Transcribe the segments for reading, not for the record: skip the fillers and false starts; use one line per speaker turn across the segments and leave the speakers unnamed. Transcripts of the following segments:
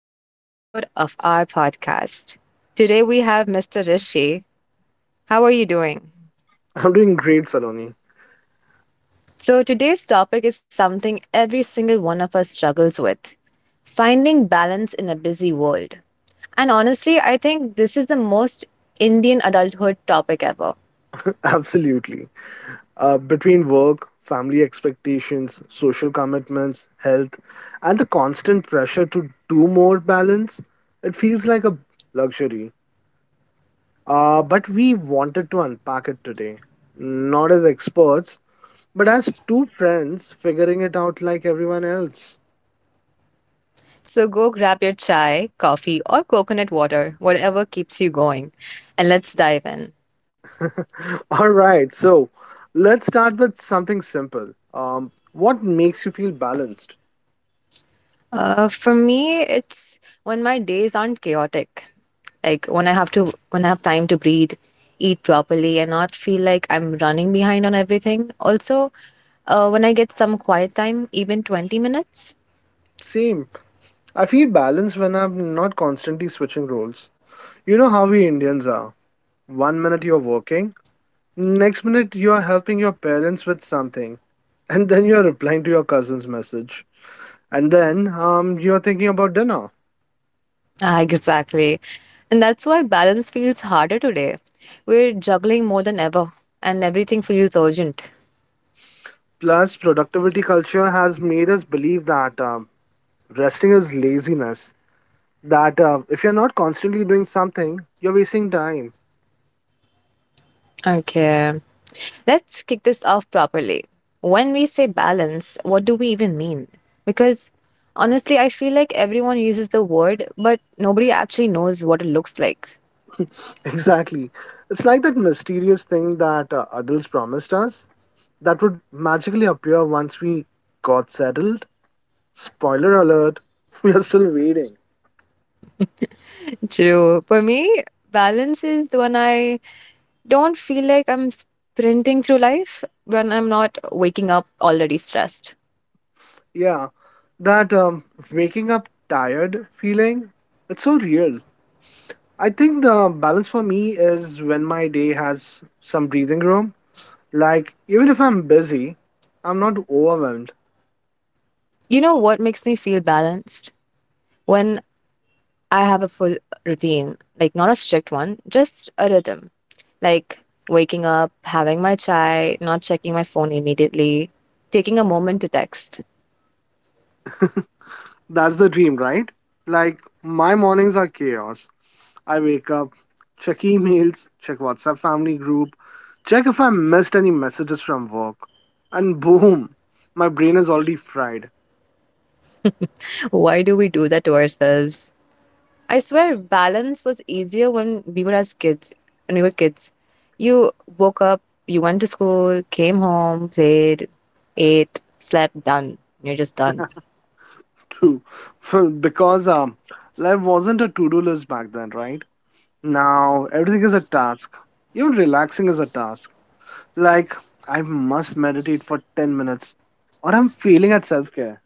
another episode of our podcast. Today we have Mr. Rishi. How are you doing?
I'm doing great, Saloni.
So, today's topic is something every single one of us struggles with finding balance in a busy world. And honestly, I think this is the most Indian adulthood topic ever.
Absolutely. Between work, family expectations, social commitments, health, and the constant pressure to do more balance, it feels like a luxury. But we wanted to unpack it today, not as experts, but as two friends figuring it out like everyone else.
So, go grab your chai, coffee, or coconut water, whatever keeps you going, and let's dive in.
All right, so let's start with something simple. What makes you feel balanced?
For me, it's when my days aren't chaotic. Like when I have time to breathe, eat properly, and not feel like I'm running behind on everything. Also, when I get some quiet time, even 20 minutes.
Same. I feel balanced when I'm not constantly switching roles. You know how we Indians are. One minute you're working, next minute you are helping your parents with something, and then you're replying to your cousin's message. And then you're thinking about dinner.
Ah, exactly. And that's why balance feels harder today. We're juggling more than ever, and everything feels urgent.
Plus, productivity culture has made us believe that resting is laziness. That if you're not constantly doing something, you're wasting time.
Okay. Let's kick this off properly. When we say balance, what do we even mean? Because honestly, I feel like everyone uses the word, but nobody actually knows what it looks like.
Exactly. It's like that mysterious thing that adults promised us that would magically appear once we got settled. Spoiler alert, we are still waiting.
True. For me, balance is when I don't feel like I'm sprinting through life, when I'm not waking up already stressed.
Yeah, that waking up tired feeling, it's so real. I think the balance for me is when my day has some breathing room. Like, even if I'm busy, I'm not overwhelmed.
You know what makes me feel balanced? When I have a full routine, like not a strict one, just a rhythm. Like waking up, having my chai, not checking my phone immediately, taking a moment to text.
That's the dream, right? Like, my mornings are chaos. I wake up, check emails, check WhatsApp family group, check if I missed any messages from work, and boom, my brain is already fried
Why do we do that to ourselves? I swear balance was easier when we were kids. You woke up, you went to school, came home, played, ate, slept, done. You're just done.
too. Because life wasn't a to do list back then, right? Now everything is a task. Even relaxing is a task. Like, I must meditate for 10 minutes, or I'm failing at self care.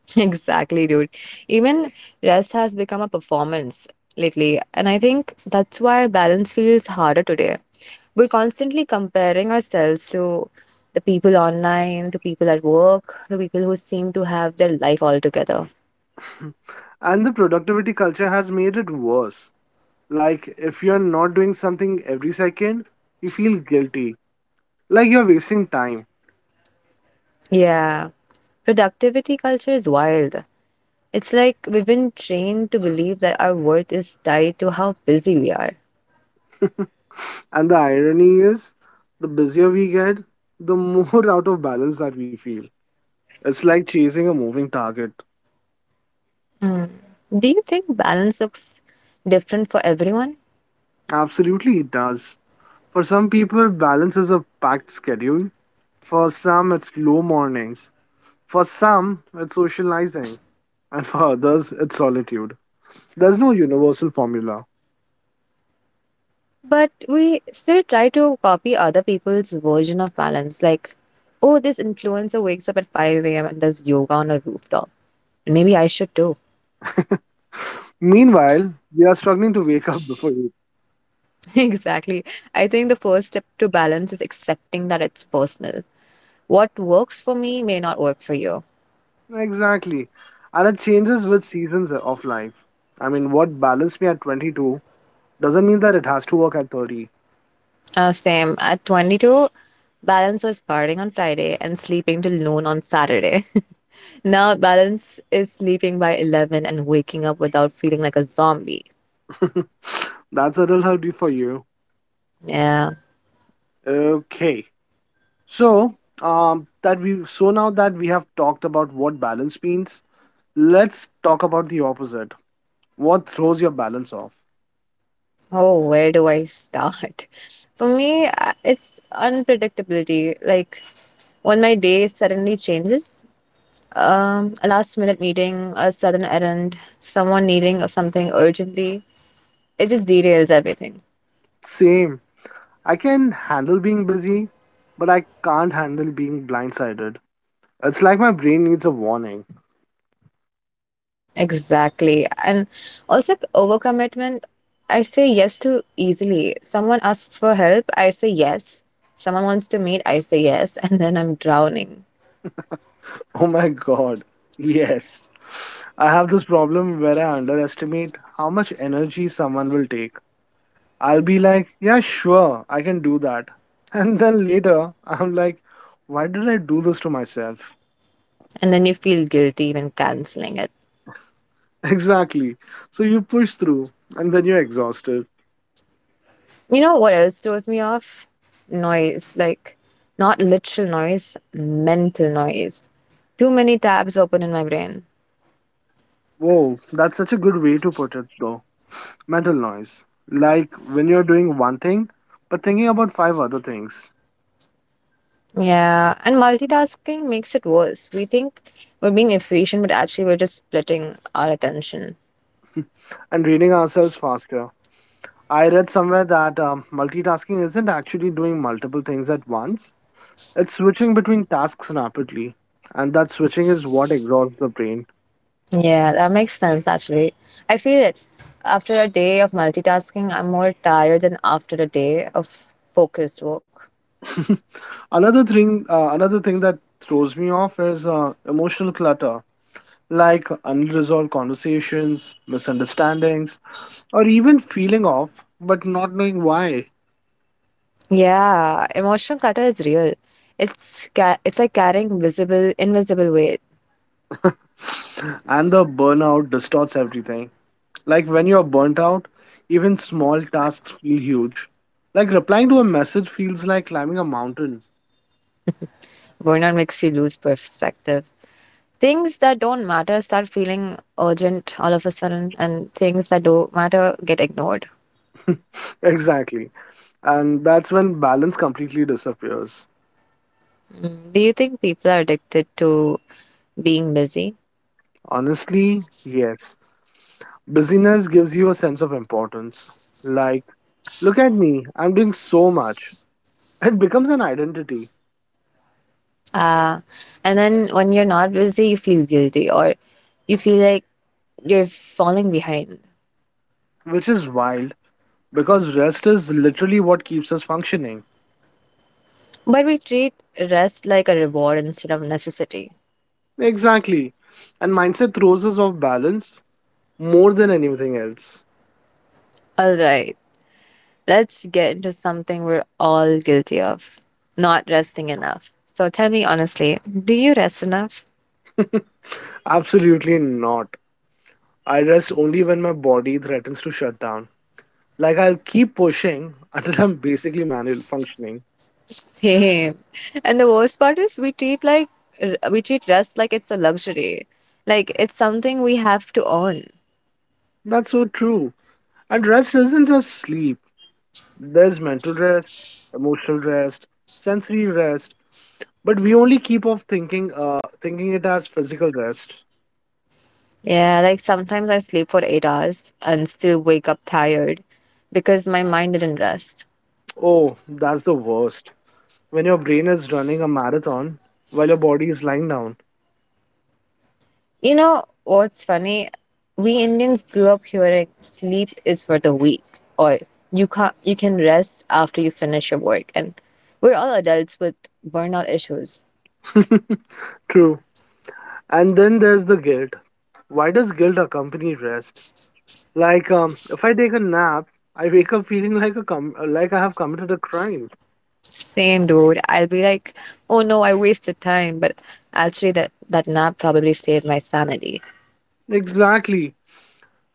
Exactly, dude. Even rest has become a performance lately, and I think that's why balance feels harder today. We're constantly comparing ourselves to the people online, to people at work, to people who seem to have their life all together.
And the productivity culture has made it worse. Like, if you're not doing something every second, you feel guilty, like you're wasting time.
Yeah. Productivity culture is wild. It's like we've been trained to believe that our worth is tied to how busy we are.
And the irony is, the busier we get, the more out of balance that we feel. It's like chasing a moving target.
Do you think balance looks different for everyone?
Absolutely, it does. For some people, balance is a packed schedule. For some, it's slow mornings. For some, it's socializing. And for others, it's solitude. There's no universal formula.
But we still try to copy other people's version of balance, like, oh, this influencer wakes up at 5 a.m. and does yoga on a rooftop. And maybe I should too.
Meanwhile, we are struggling to wake up before you.
Exactly. I think the first step to balance is accepting that it's personal. What works for me may not work for you.
Exactly. And it changes with seasons of life. I mean, what balanced me at 22 doesn't mean that it has to work at 30.
Same. At 22, balance was partying on Friday and sleeping till noon on Saturday. Now, balance is sleeping by 11 and waking up without feeling like a zombie.
That's a little healthy for you.
Yeah.
Okay. So, that we so now that we have talked about what balance means, let's talk about the opposite. What throws your balance off?
Oh, where do I start? For me, it's unpredictability. Like when my day suddenly changes, a last minute meeting, a sudden errand, someone needing something urgently, it just derails everything.
Same. I can handle being busy, but I can't handle being blindsided. It's like my brain needs a warning.
Exactly. And also overcommitment, I say yes to easily. Someone asks for help, I say yes. Someone wants to meet, I say yes, and then I'm drowning.
Oh my god. Yes. I have this problem where I underestimate how much energy someone will take. I'll be like, yeah, sure, I can do that. And then later, I'm like, why did I do this to myself?
And then you feel guilty even canceling it.
Exactly. So you push through and then you're exhausted.
You know what else throws me off? Noise. Like, not literal noise, mental noise. Too many tabs open in my brain.
Whoa, that's such a good way to put it, though. Mental noise. Like when you're doing one thing, but thinking about five other things
Yeah, and multitasking makes it worse. We think we're being efficient, but actually, we're just splitting our attention.
and reading ourselves faster. I read somewhere that multitasking isn't actually doing multiple things at once, it's switching between tasks rapidly. And that switching is what exhausts the brain.
Yeah, that makes sense, actually. I feel it. After a day of multitasking, I'm more tired than after a day of focused work.
Another thing that throws me off is emotional clutter, like unresolved conversations, misunderstandings, or even feeling off but not knowing why.
Yeah, emotional clutter is real. It's it's like carrying visible, invisible weight.
And the burnout distorts everything. Like when you're burnt out, even small tasks feel huge. Like replying to a message feels like climbing a mountain.
Burnout makes you lose perspective. Things that don't matter start feeling urgent all of a sudden, and things that don't matter get ignored.
Exactly. And that's when balance completely disappears.
Do you think people are addicted to being busy?
Honestly, yes. Busyness gives you a sense of importance. Like, look at me, I'm doing so much. It becomes an identity,
And then when you're not busy, you feel guilty or you feel like you're falling behind.
which is wild because rest is literally what keeps us functioning.
But we treat rest like a reward instead of necessity.
Exactly. And mindset throws us off balance more than anything else.
All right, let's get into something we're all guilty of not resting enough. So tell me honestly, do you rest enough?
Absolutely not. I rest only when my body threatens to shut down. Like I'll keep pushing until I'm basically manual functioning.
Same. And the worst part is we we treat rest like it's a luxury. Like it's something we have to earn.
That's so true. And rest isn't just sleep. There's mental rest, emotional rest, sensory rest, but we only keep off thinking, thinking it as physical rest.
Yeah, like sometimes I sleep for 8 hours and still wake up tired because my mind didn't rest.
Oh, that's the worst. When your brain is running a marathon while your body is lying down.
You know what's funny? We Indians grew up hearing sleep is for the weak or you can't you can rest after you finish your work and we're all adults with burnout issues.
True. And then there's the guilt. Why does guilt accompany rest? Like, if I take a nap, I wake up feeling like a like I have committed a crime.
Same, dude. I'll be like, oh no, I wasted time. But actually, that nap probably saved my sanity.
Exactly.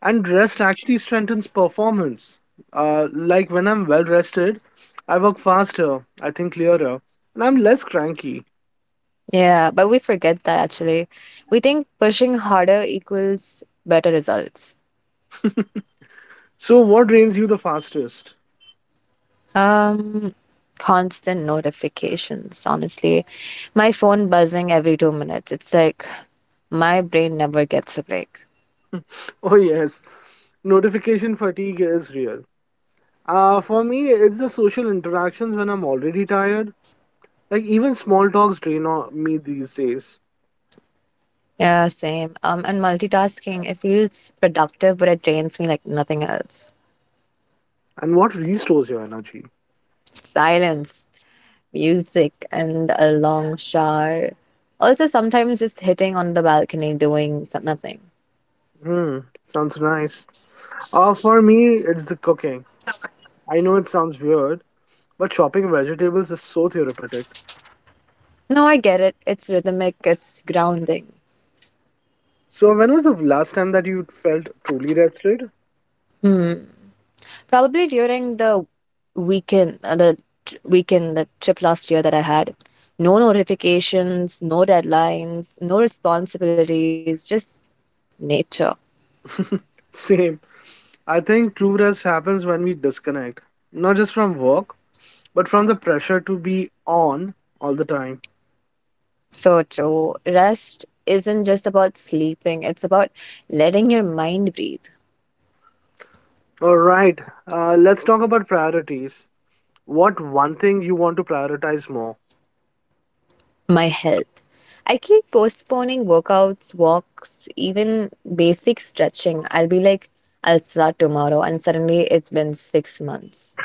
And rest actually strengthens performance. Like when I'm well rested, I work faster, I think clearer, and I'm less cranky.
Yeah, but we forget that actually. We think pushing harder equals better results.
So, what drains you the fastest?
Um, Constant notifications, honestly. My phone buzzing every 2 minutes. It's like my brain never gets a break.
Oh, yes, notification fatigue is real. For me, it's the social interactions when I'm already tired. Like, even small talks me these days.
Yeah, same. And multitasking, it feels productive, but it drains me like nothing else.
And what restores your energy?
Silence. Music and a long shower. Also, sometimes just hitting on the balcony doing nothing.
Hmm, sounds nice. For me, it's the cooking. I know it sounds weird, but chopping vegetables is so therapeutic.
No, I get it. It's rhythmic, it's grounding.
So, when was the last time that you felt truly rested?
Probably during the weekend, the tr- weekend, the trip last year that I had. No notifications, no deadlines, no responsibilities, just nature.
Same. I think true rest happens when we disconnect, not just from work, but from the pressure to be on all the time.
So true. Rest isn't just about sleeping, it's about letting your mind breathe.
All right, let's talk about priorities. What one thing you want to prioritize more?
My health. I keep postponing workouts, walks, even basic stretching. I'll be like, I'll start tomorrow, and suddenly it's been 6 months.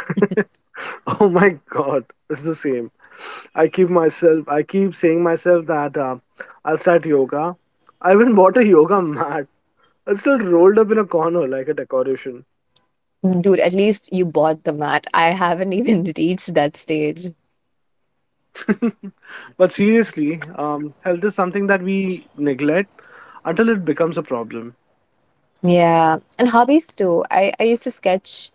Oh my God, it's the same. I keep myself, I keep saying myself that I'll start yoga. I even bought a yoga mat. It's still rolled up in a corner like a decoration.
Mm. Dude, at least you bought the mat. I haven't even reached that stage.
But seriously, health is something that we neglect until it becomes a problem.
Yeah, and hobbies too. I used to sketch,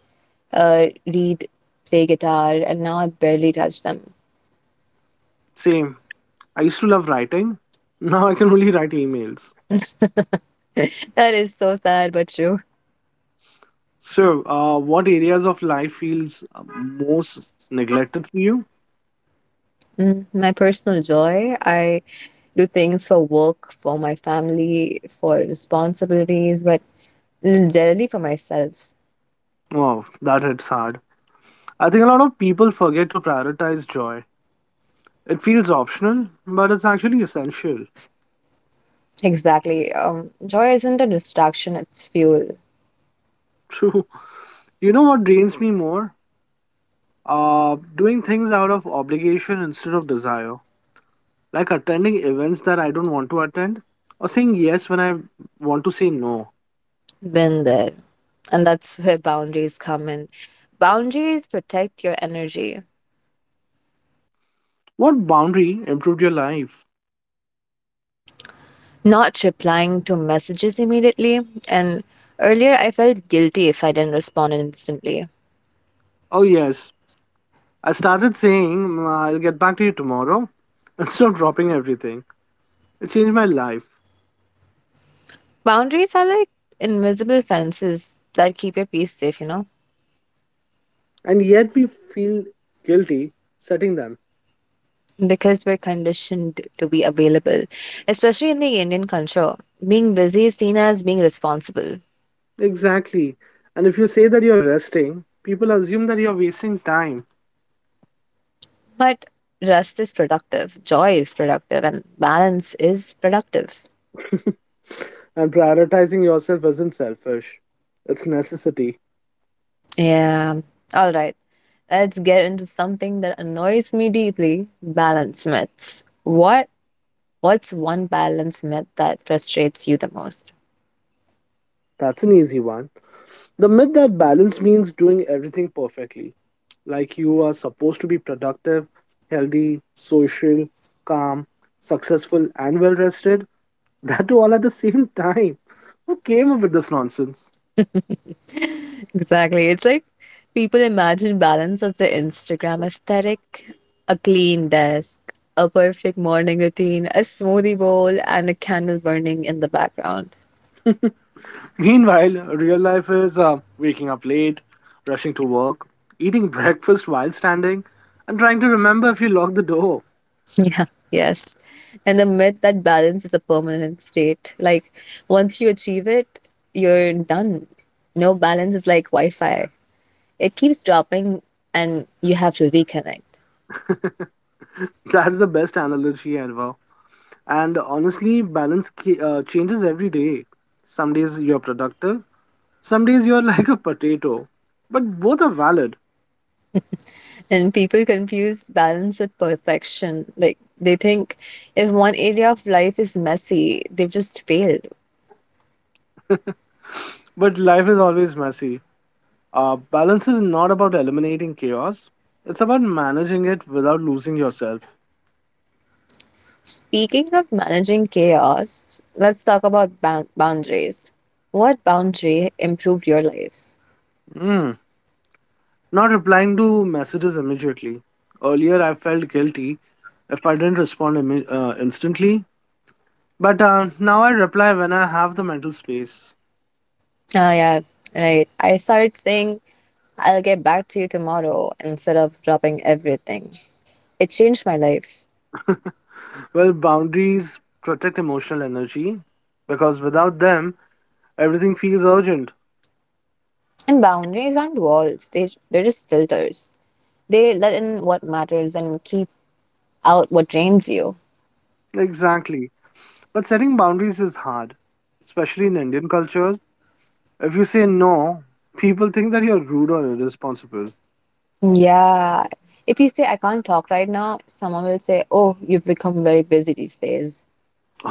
read, play guitar, and now I barely touch them.
Same. I used to love writing. Now I can only write emails.
That is so sad but true.
So, what areas of life feels most neglected for you?
My personal joy, I do things for work, for my family, for responsibilities, but rarely for myself.
Wow, that hits hard. I think a lot of people forget to prioritize joy. It feels optional, but it's actually essential.
Exactly. Joy isn't a distraction, it's fuel.
True. You know what drains me more? Doing things out of obligation instead of desire. Like attending events that I don't want to attend, or saying yes when I want to say no.
Been there. And that's where boundaries come in. Boundaries protect your energy,
What boundary improved your life?
not replying to messages immediately. And earlier, I felt guilty if I didn't respond instantly.
Oh, yes, I started saying, "Mm, I'll get back to you tomorrow" instead of dropping everything. It changed my life.
Boundaries are like invisible fences that keep your peace safe, you know?
And yet we feel guilty setting them.
Because we're conditioned to be available. Especially in the Indian culture, being busy is seen as being responsible.
Exactly. And if you say that you're resting, people assume that you're wasting time.
But rest is productive, joy is productive, and balance is productive.
And prioritizing yourself isn't selfish, it's necessity.
Yeah. All right. Let's get into something that annoys me deeply balance myths. What? What's one balance myth that frustrates you the most?
That's an easy one. The myth that balance means doing everything perfectly. Like you are supposed to be productive, healthy, social, calm, successful, and well rested. That too all at the same time. Who came up with this nonsense?
Exactly. It's like people imagine balance as the Instagram aesthetic a clean desk, a perfect morning routine, a smoothie bowl, and a candle burning in the background.
Meanwhile, real life is waking up late, rushing to work, eating breakfast while standing, and trying to remember if you lock the door.
Yeah, yes. And the myth that balance is a permanent state. Like, once you achieve it, you're done. No balance is like Wi Fi, it keeps dropping, and you have to reconnect.
That's the best analogy ever. And honestly, balance changes every day. Some days you're productive, some days you're like a potato. But both are valid.
And people confuse balance with perfection. Like they think if one area of life is messy, they've just failed.
But life is always messy. Balance is not about eliminating chaos, it's about managing it without losing yourself.
Speaking of managing chaos, let's talk about boundaries. What boundary improved your life?
Mm, not replying to messages immediately. Earlier, I felt guilty if I didn't respond instantly, but now I reply when I have the mental space.
Ah, yeah, right. I started saying, I'll get back to you tomorrow instead of dropping everything. It changed my life.
Well, boundaries protect emotional energy because without them, everything feels urgent.
And boundaries aren't walls, they're just filters. They let in what matters and keep out what drains you.
Exactly. But setting boundaries is hard, especially in Indian cultures. If you say no, people think that you're rude or irresponsible,
Yeah. If you say, I can't talk right now, someone will say, oh, you've become very busy these days.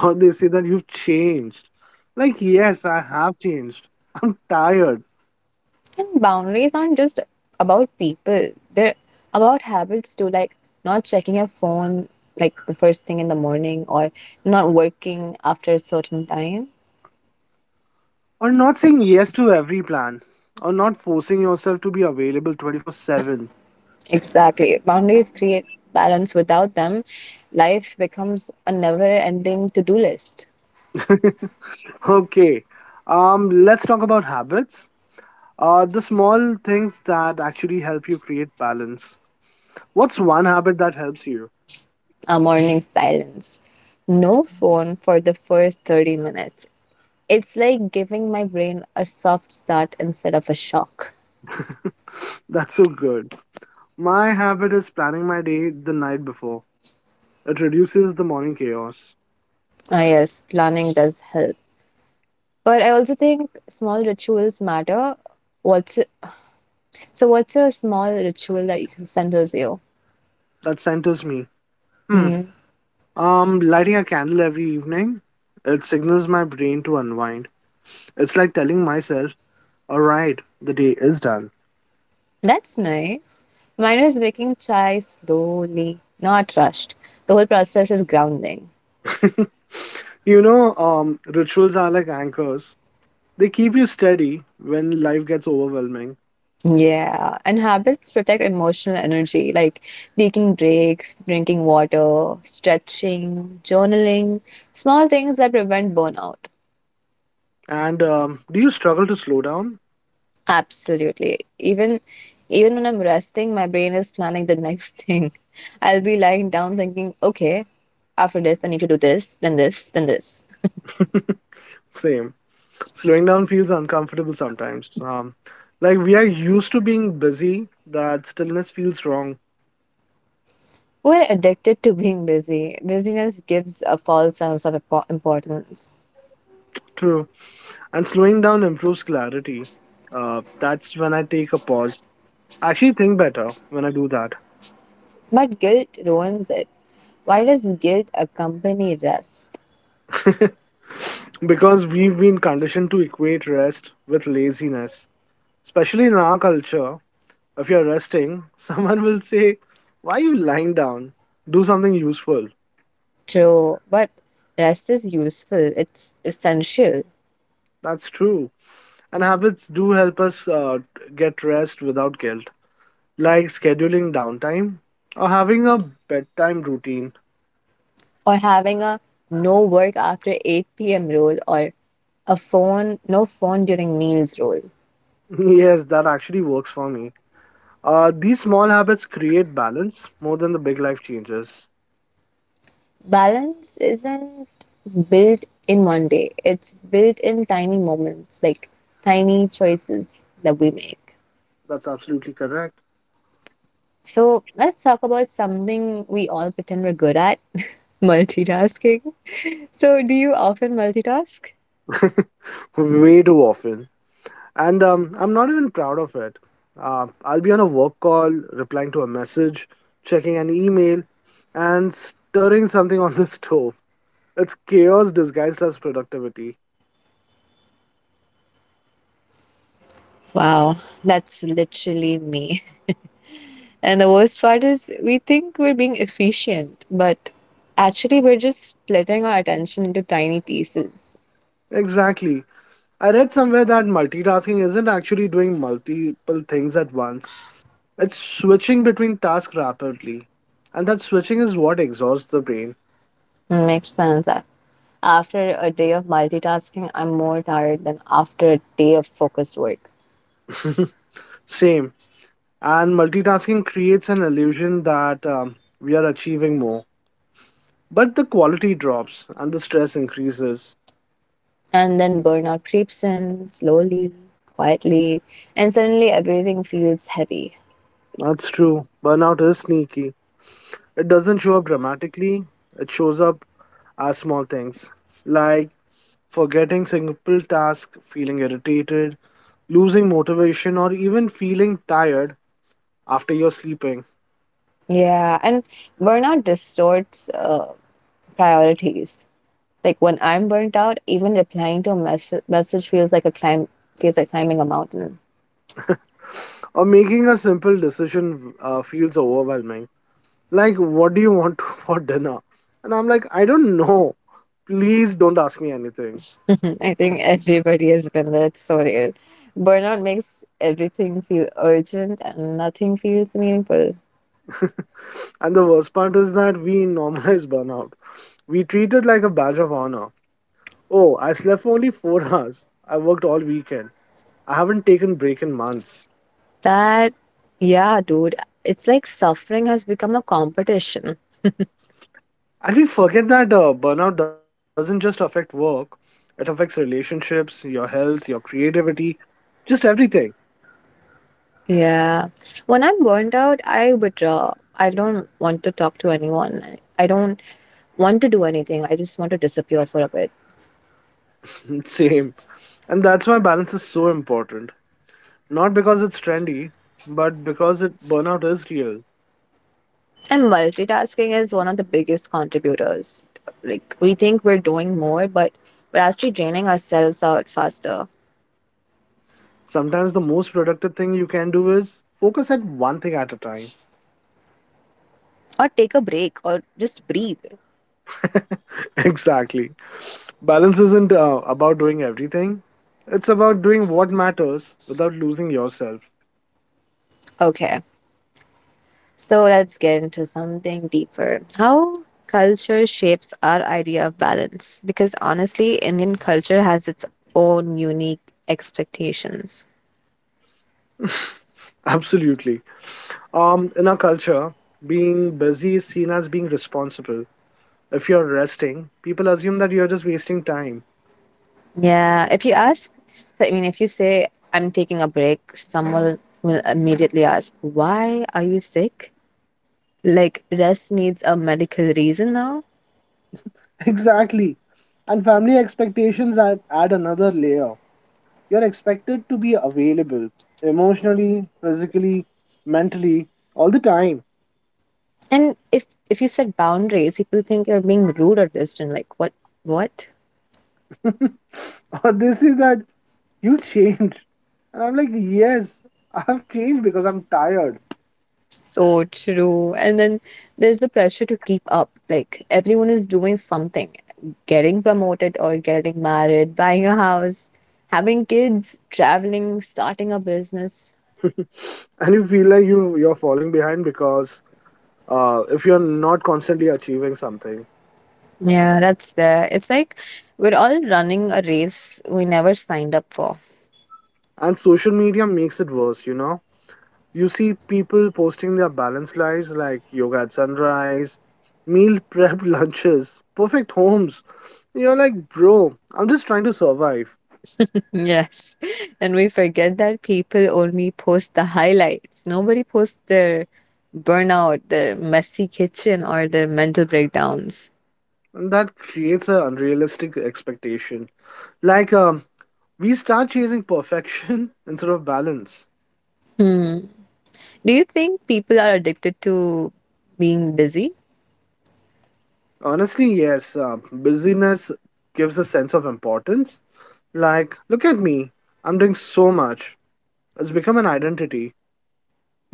or they say that you've changed. Like, yes, I have changed. I'm tired,
And boundaries aren't just about people, they're about habits too, like not checking your phone like the first thing in the morning or not working after a certain time.
or not saying yes to every plan, or not forcing yourself to be available 24/7.
Exactly. Boundaries create balance. Without them, life becomes a never ending to do list.
Okay, let's talk about habits, the small things that actually help you create balance. What's one habit that helps you?
A morning silence. No phone for the first 30 minutes. It's like giving my brain a soft start instead of a shock.
That's so good. My habit is planning my day the night before. It reduces the morning chaos.
Ah, yes, planning does help. But I also think small rituals matter. What's what's a small ritual that you can considers you?
That centers me. Hmm, lighting a candle every evening. It signals my brain to unwind. It's like telling myself, all right, the day is done.
That's nice. Mine is making chai slowly, not rushed. The whole process is grounding.
You know, rituals are like anchors. They keep you steady when life gets overwhelming.
Yeah, and habits protect emotional energy, like taking breaks, drinking water, stretching, journaling, small things that prevent burnout.
And do you struggle to slow down?
Absolutely. Even when I'm resting, my brain is planning the next thing. I'll be lying down thinking, okay, after this I need to do this, then this, then this.
Same. Slowing down feels uncomfortable sometimes. Like we are used to being busy, that stillness feels wrong.
We're addicted to being busy. Busyness gives a false sense of importance,
True. And slowing down improves clarity. That's when I take a pause. I actually think better when I do that.
but guilt ruins it. Why does guilt accompany rest?
Because we've been conditioned to equate rest with laziness, especially in our culture. If you're resting, someone will say, why are you lying down? Do something useful.
True, but rest is useful. It's essential.
That's true. And habits do help us get rest without guilt, like scheduling downtime or having a bedtime routine.
Or having a no work after 8 p.m. rule or a phone no phone during meals rule.
Yes, that actually works for me. These small habits create balance more than the big life changes.
Balance isn't built in one day. It's built in tiny moments, like tiny choices that we make.
That's absolutely correct.
So let's talk about something we all pretend we're good at, multitasking. So do you often multitask?
Way too often. And I'm not even proud of it. I'll be on a work call, replying to a message, checking an email, and stirring something on the stove. It's chaos disguised as productivity.
Wow, that's literally me. And the worst part is, we think we're being efficient, but actually, we're just splitting our attention into tiny pieces.
Exactly. I read somewhere that multitasking isn't actually doing multiple things at once, it's switching between tasks rapidly. And that switching is what exhausts the brain.
Makes sense. That After a day of multitasking, I'm more tired than after a day of focused work.
Same. And multitasking creates an illusion that we are achieving more. But the quality drops and the stress increases.
And then burnout creeps in slowly, quietly, and suddenly everything feels heavy.
That's true. Burnout is sneaky. It doesn't show up dramatically, it shows up as small things like forgetting simple tasks, feeling irritated, losing motivation, or even feeling tired after you're sleeping.
Yeah, and burnout distorts priorities. Like when I'm burnt out, even replying to a message feels like climbing a mountain.
Or making a simple decision feels overwhelming. Like, what do you want for dinner? And I'm like, I don't know. Please don't ask me anything.
I think everybody has been there. It's so real. Burnout makes everything feel urgent and nothing feels meaningful.
And the worst part is that we normalize burnout. We treat it like a badge of honor. Oh, I slept for only four hours. I worked all weekend. I haven't taken break in months.
That, yeah, dude. It's like suffering has become a competition.
And we forget that burnout doesn't just affect work. It affects relationships, your health, your creativity, just everything.
Yeah. When I'm burnt out, I withdraw. I don't want to talk to anyone. I don't want to do anything. I just want to disappear for a bit.
Same. And that's why balance is so important. Not because it's trendy, but because it burnout is real.
And multitasking is one of the biggest contributors. Like, we think we're doing more, but we're actually draining ourselves out faster.
Sometimes the most productive thing you can do is focus at one thing at a time.
Or take a break, or just breathe.
Exactly. Balance isn't about doing everything. It's about doing what matters without losing yourself.
Okay, so let's get into something deeper. How culture shapes our idea of balance. Because honestly, Indian culture has its own unique expectations.
Absolutely. In our culture, being busy is seen as being responsible. If you're resting, people assume that you're just wasting time.
Yeah, if you ask, I mean, if you say, I'm taking a break, someone will immediately ask, why are you sick? Like rest needs a medical reason now,
Exactly. And family expectations add another layer. You're expected to be available emotionally, physically, mentally, all the time.
and if you set boundaries people think you're being rude or distant, like what?
or they say that you changed. And I'm like, yes, I've changed because I'm tired.
So true. And then there's the pressure to keep up, like everyone is doing something, getting promoted or getting married, buying a house, having kids, traveling, starting a business.
And you feel like you're falling behind because if you're not constantly achieving something.
Yeah, that's there. It's like we're all running a race we never signed up for.
And social media makes it worse, you know, you see people posting their balanced lives, like yoga at sunrise, meal prep lunches, perfect homes. You're like, bro, I'm just trying to survive.
Yes. And we forget that people only post the highlights. Nobody posts their burnout, their messy kitchen, or their mental breakdowns.
And that creates an unrealistic expectation, like we start chasing perfection instead of balance.
Do you think people are addicted to being busy?
Honestly, yes, busyness gives a sense of importance. Like, look at me, I'm doing so much. It's become an identity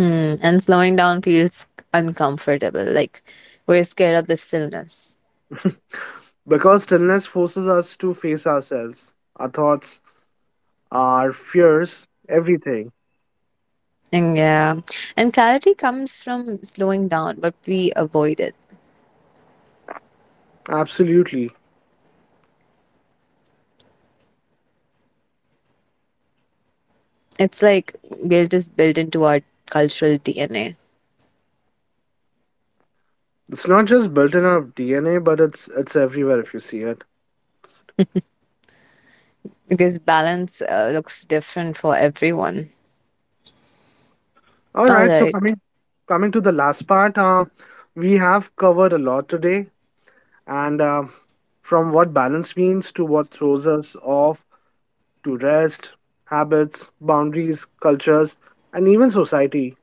And slowing down feels uncomfortable. Like we're scared of the stillness.
because stillness forces us to face ourselves, our thoughts, our fears, everything.
And yeah. And clarity comes from slowing down, but we avoid it.
Absolutely.
It's like guilt is built into our cultural DNA.
It's not just built in our DNA, but it's everywhere if you see it.
Because balance looks different for everyone.
All
All
right, so
right.
coming to the last part, we have covered a lot today. And from what balance means, to what throws us off, to rest, habits, boundaries, cultures, and even society.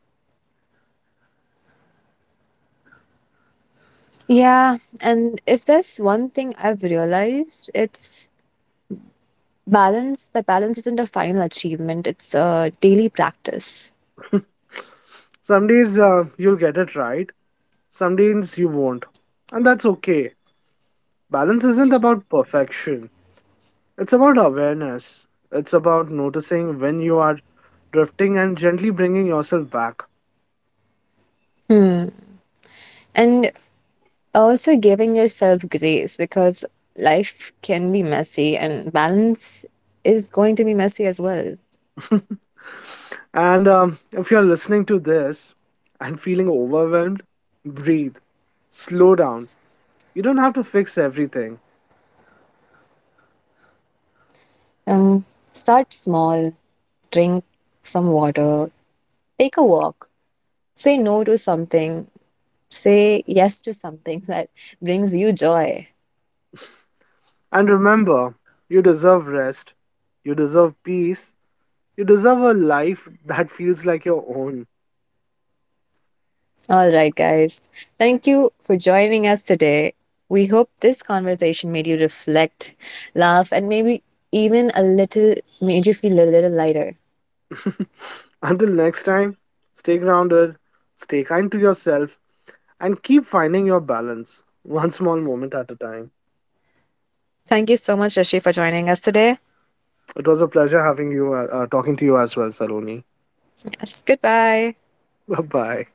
Yeah, and if there's one thing I've realized, it's balance isn't a final achievement, it's a daily practice.
Some days you'll get it right, some days you won't. And that's okay. Balance isn't about perfection, it's about awareness. It's about noticing when you are drifting and gently bringing yourself back.
And also giving yourself grace because life can be messy and balance is going to be messy as well.
And if you're listening to this and feeling overwhelmed, breathe, slow down. You don't have to fix everything.
Um, Start small, drink some water, take a walk, say no to something, say yes to something that brings you joy.
And remember, you deserve rest, you deserve peace, you deserve a life that feels like your own.
All right, guys. Thank you for joining us today. We hope this conversation made you reflect, laugh, and maybe even a little made you feel a little lighter.
Until next time, stay grounded, stay kind to yourself, and keep finding your balance one small moment at a time.
Thank you so much, Rishi, for joining us today.
It was a pleasure having you, talking to you as well, Saloni.
Yes, goodbye.
Bye bye.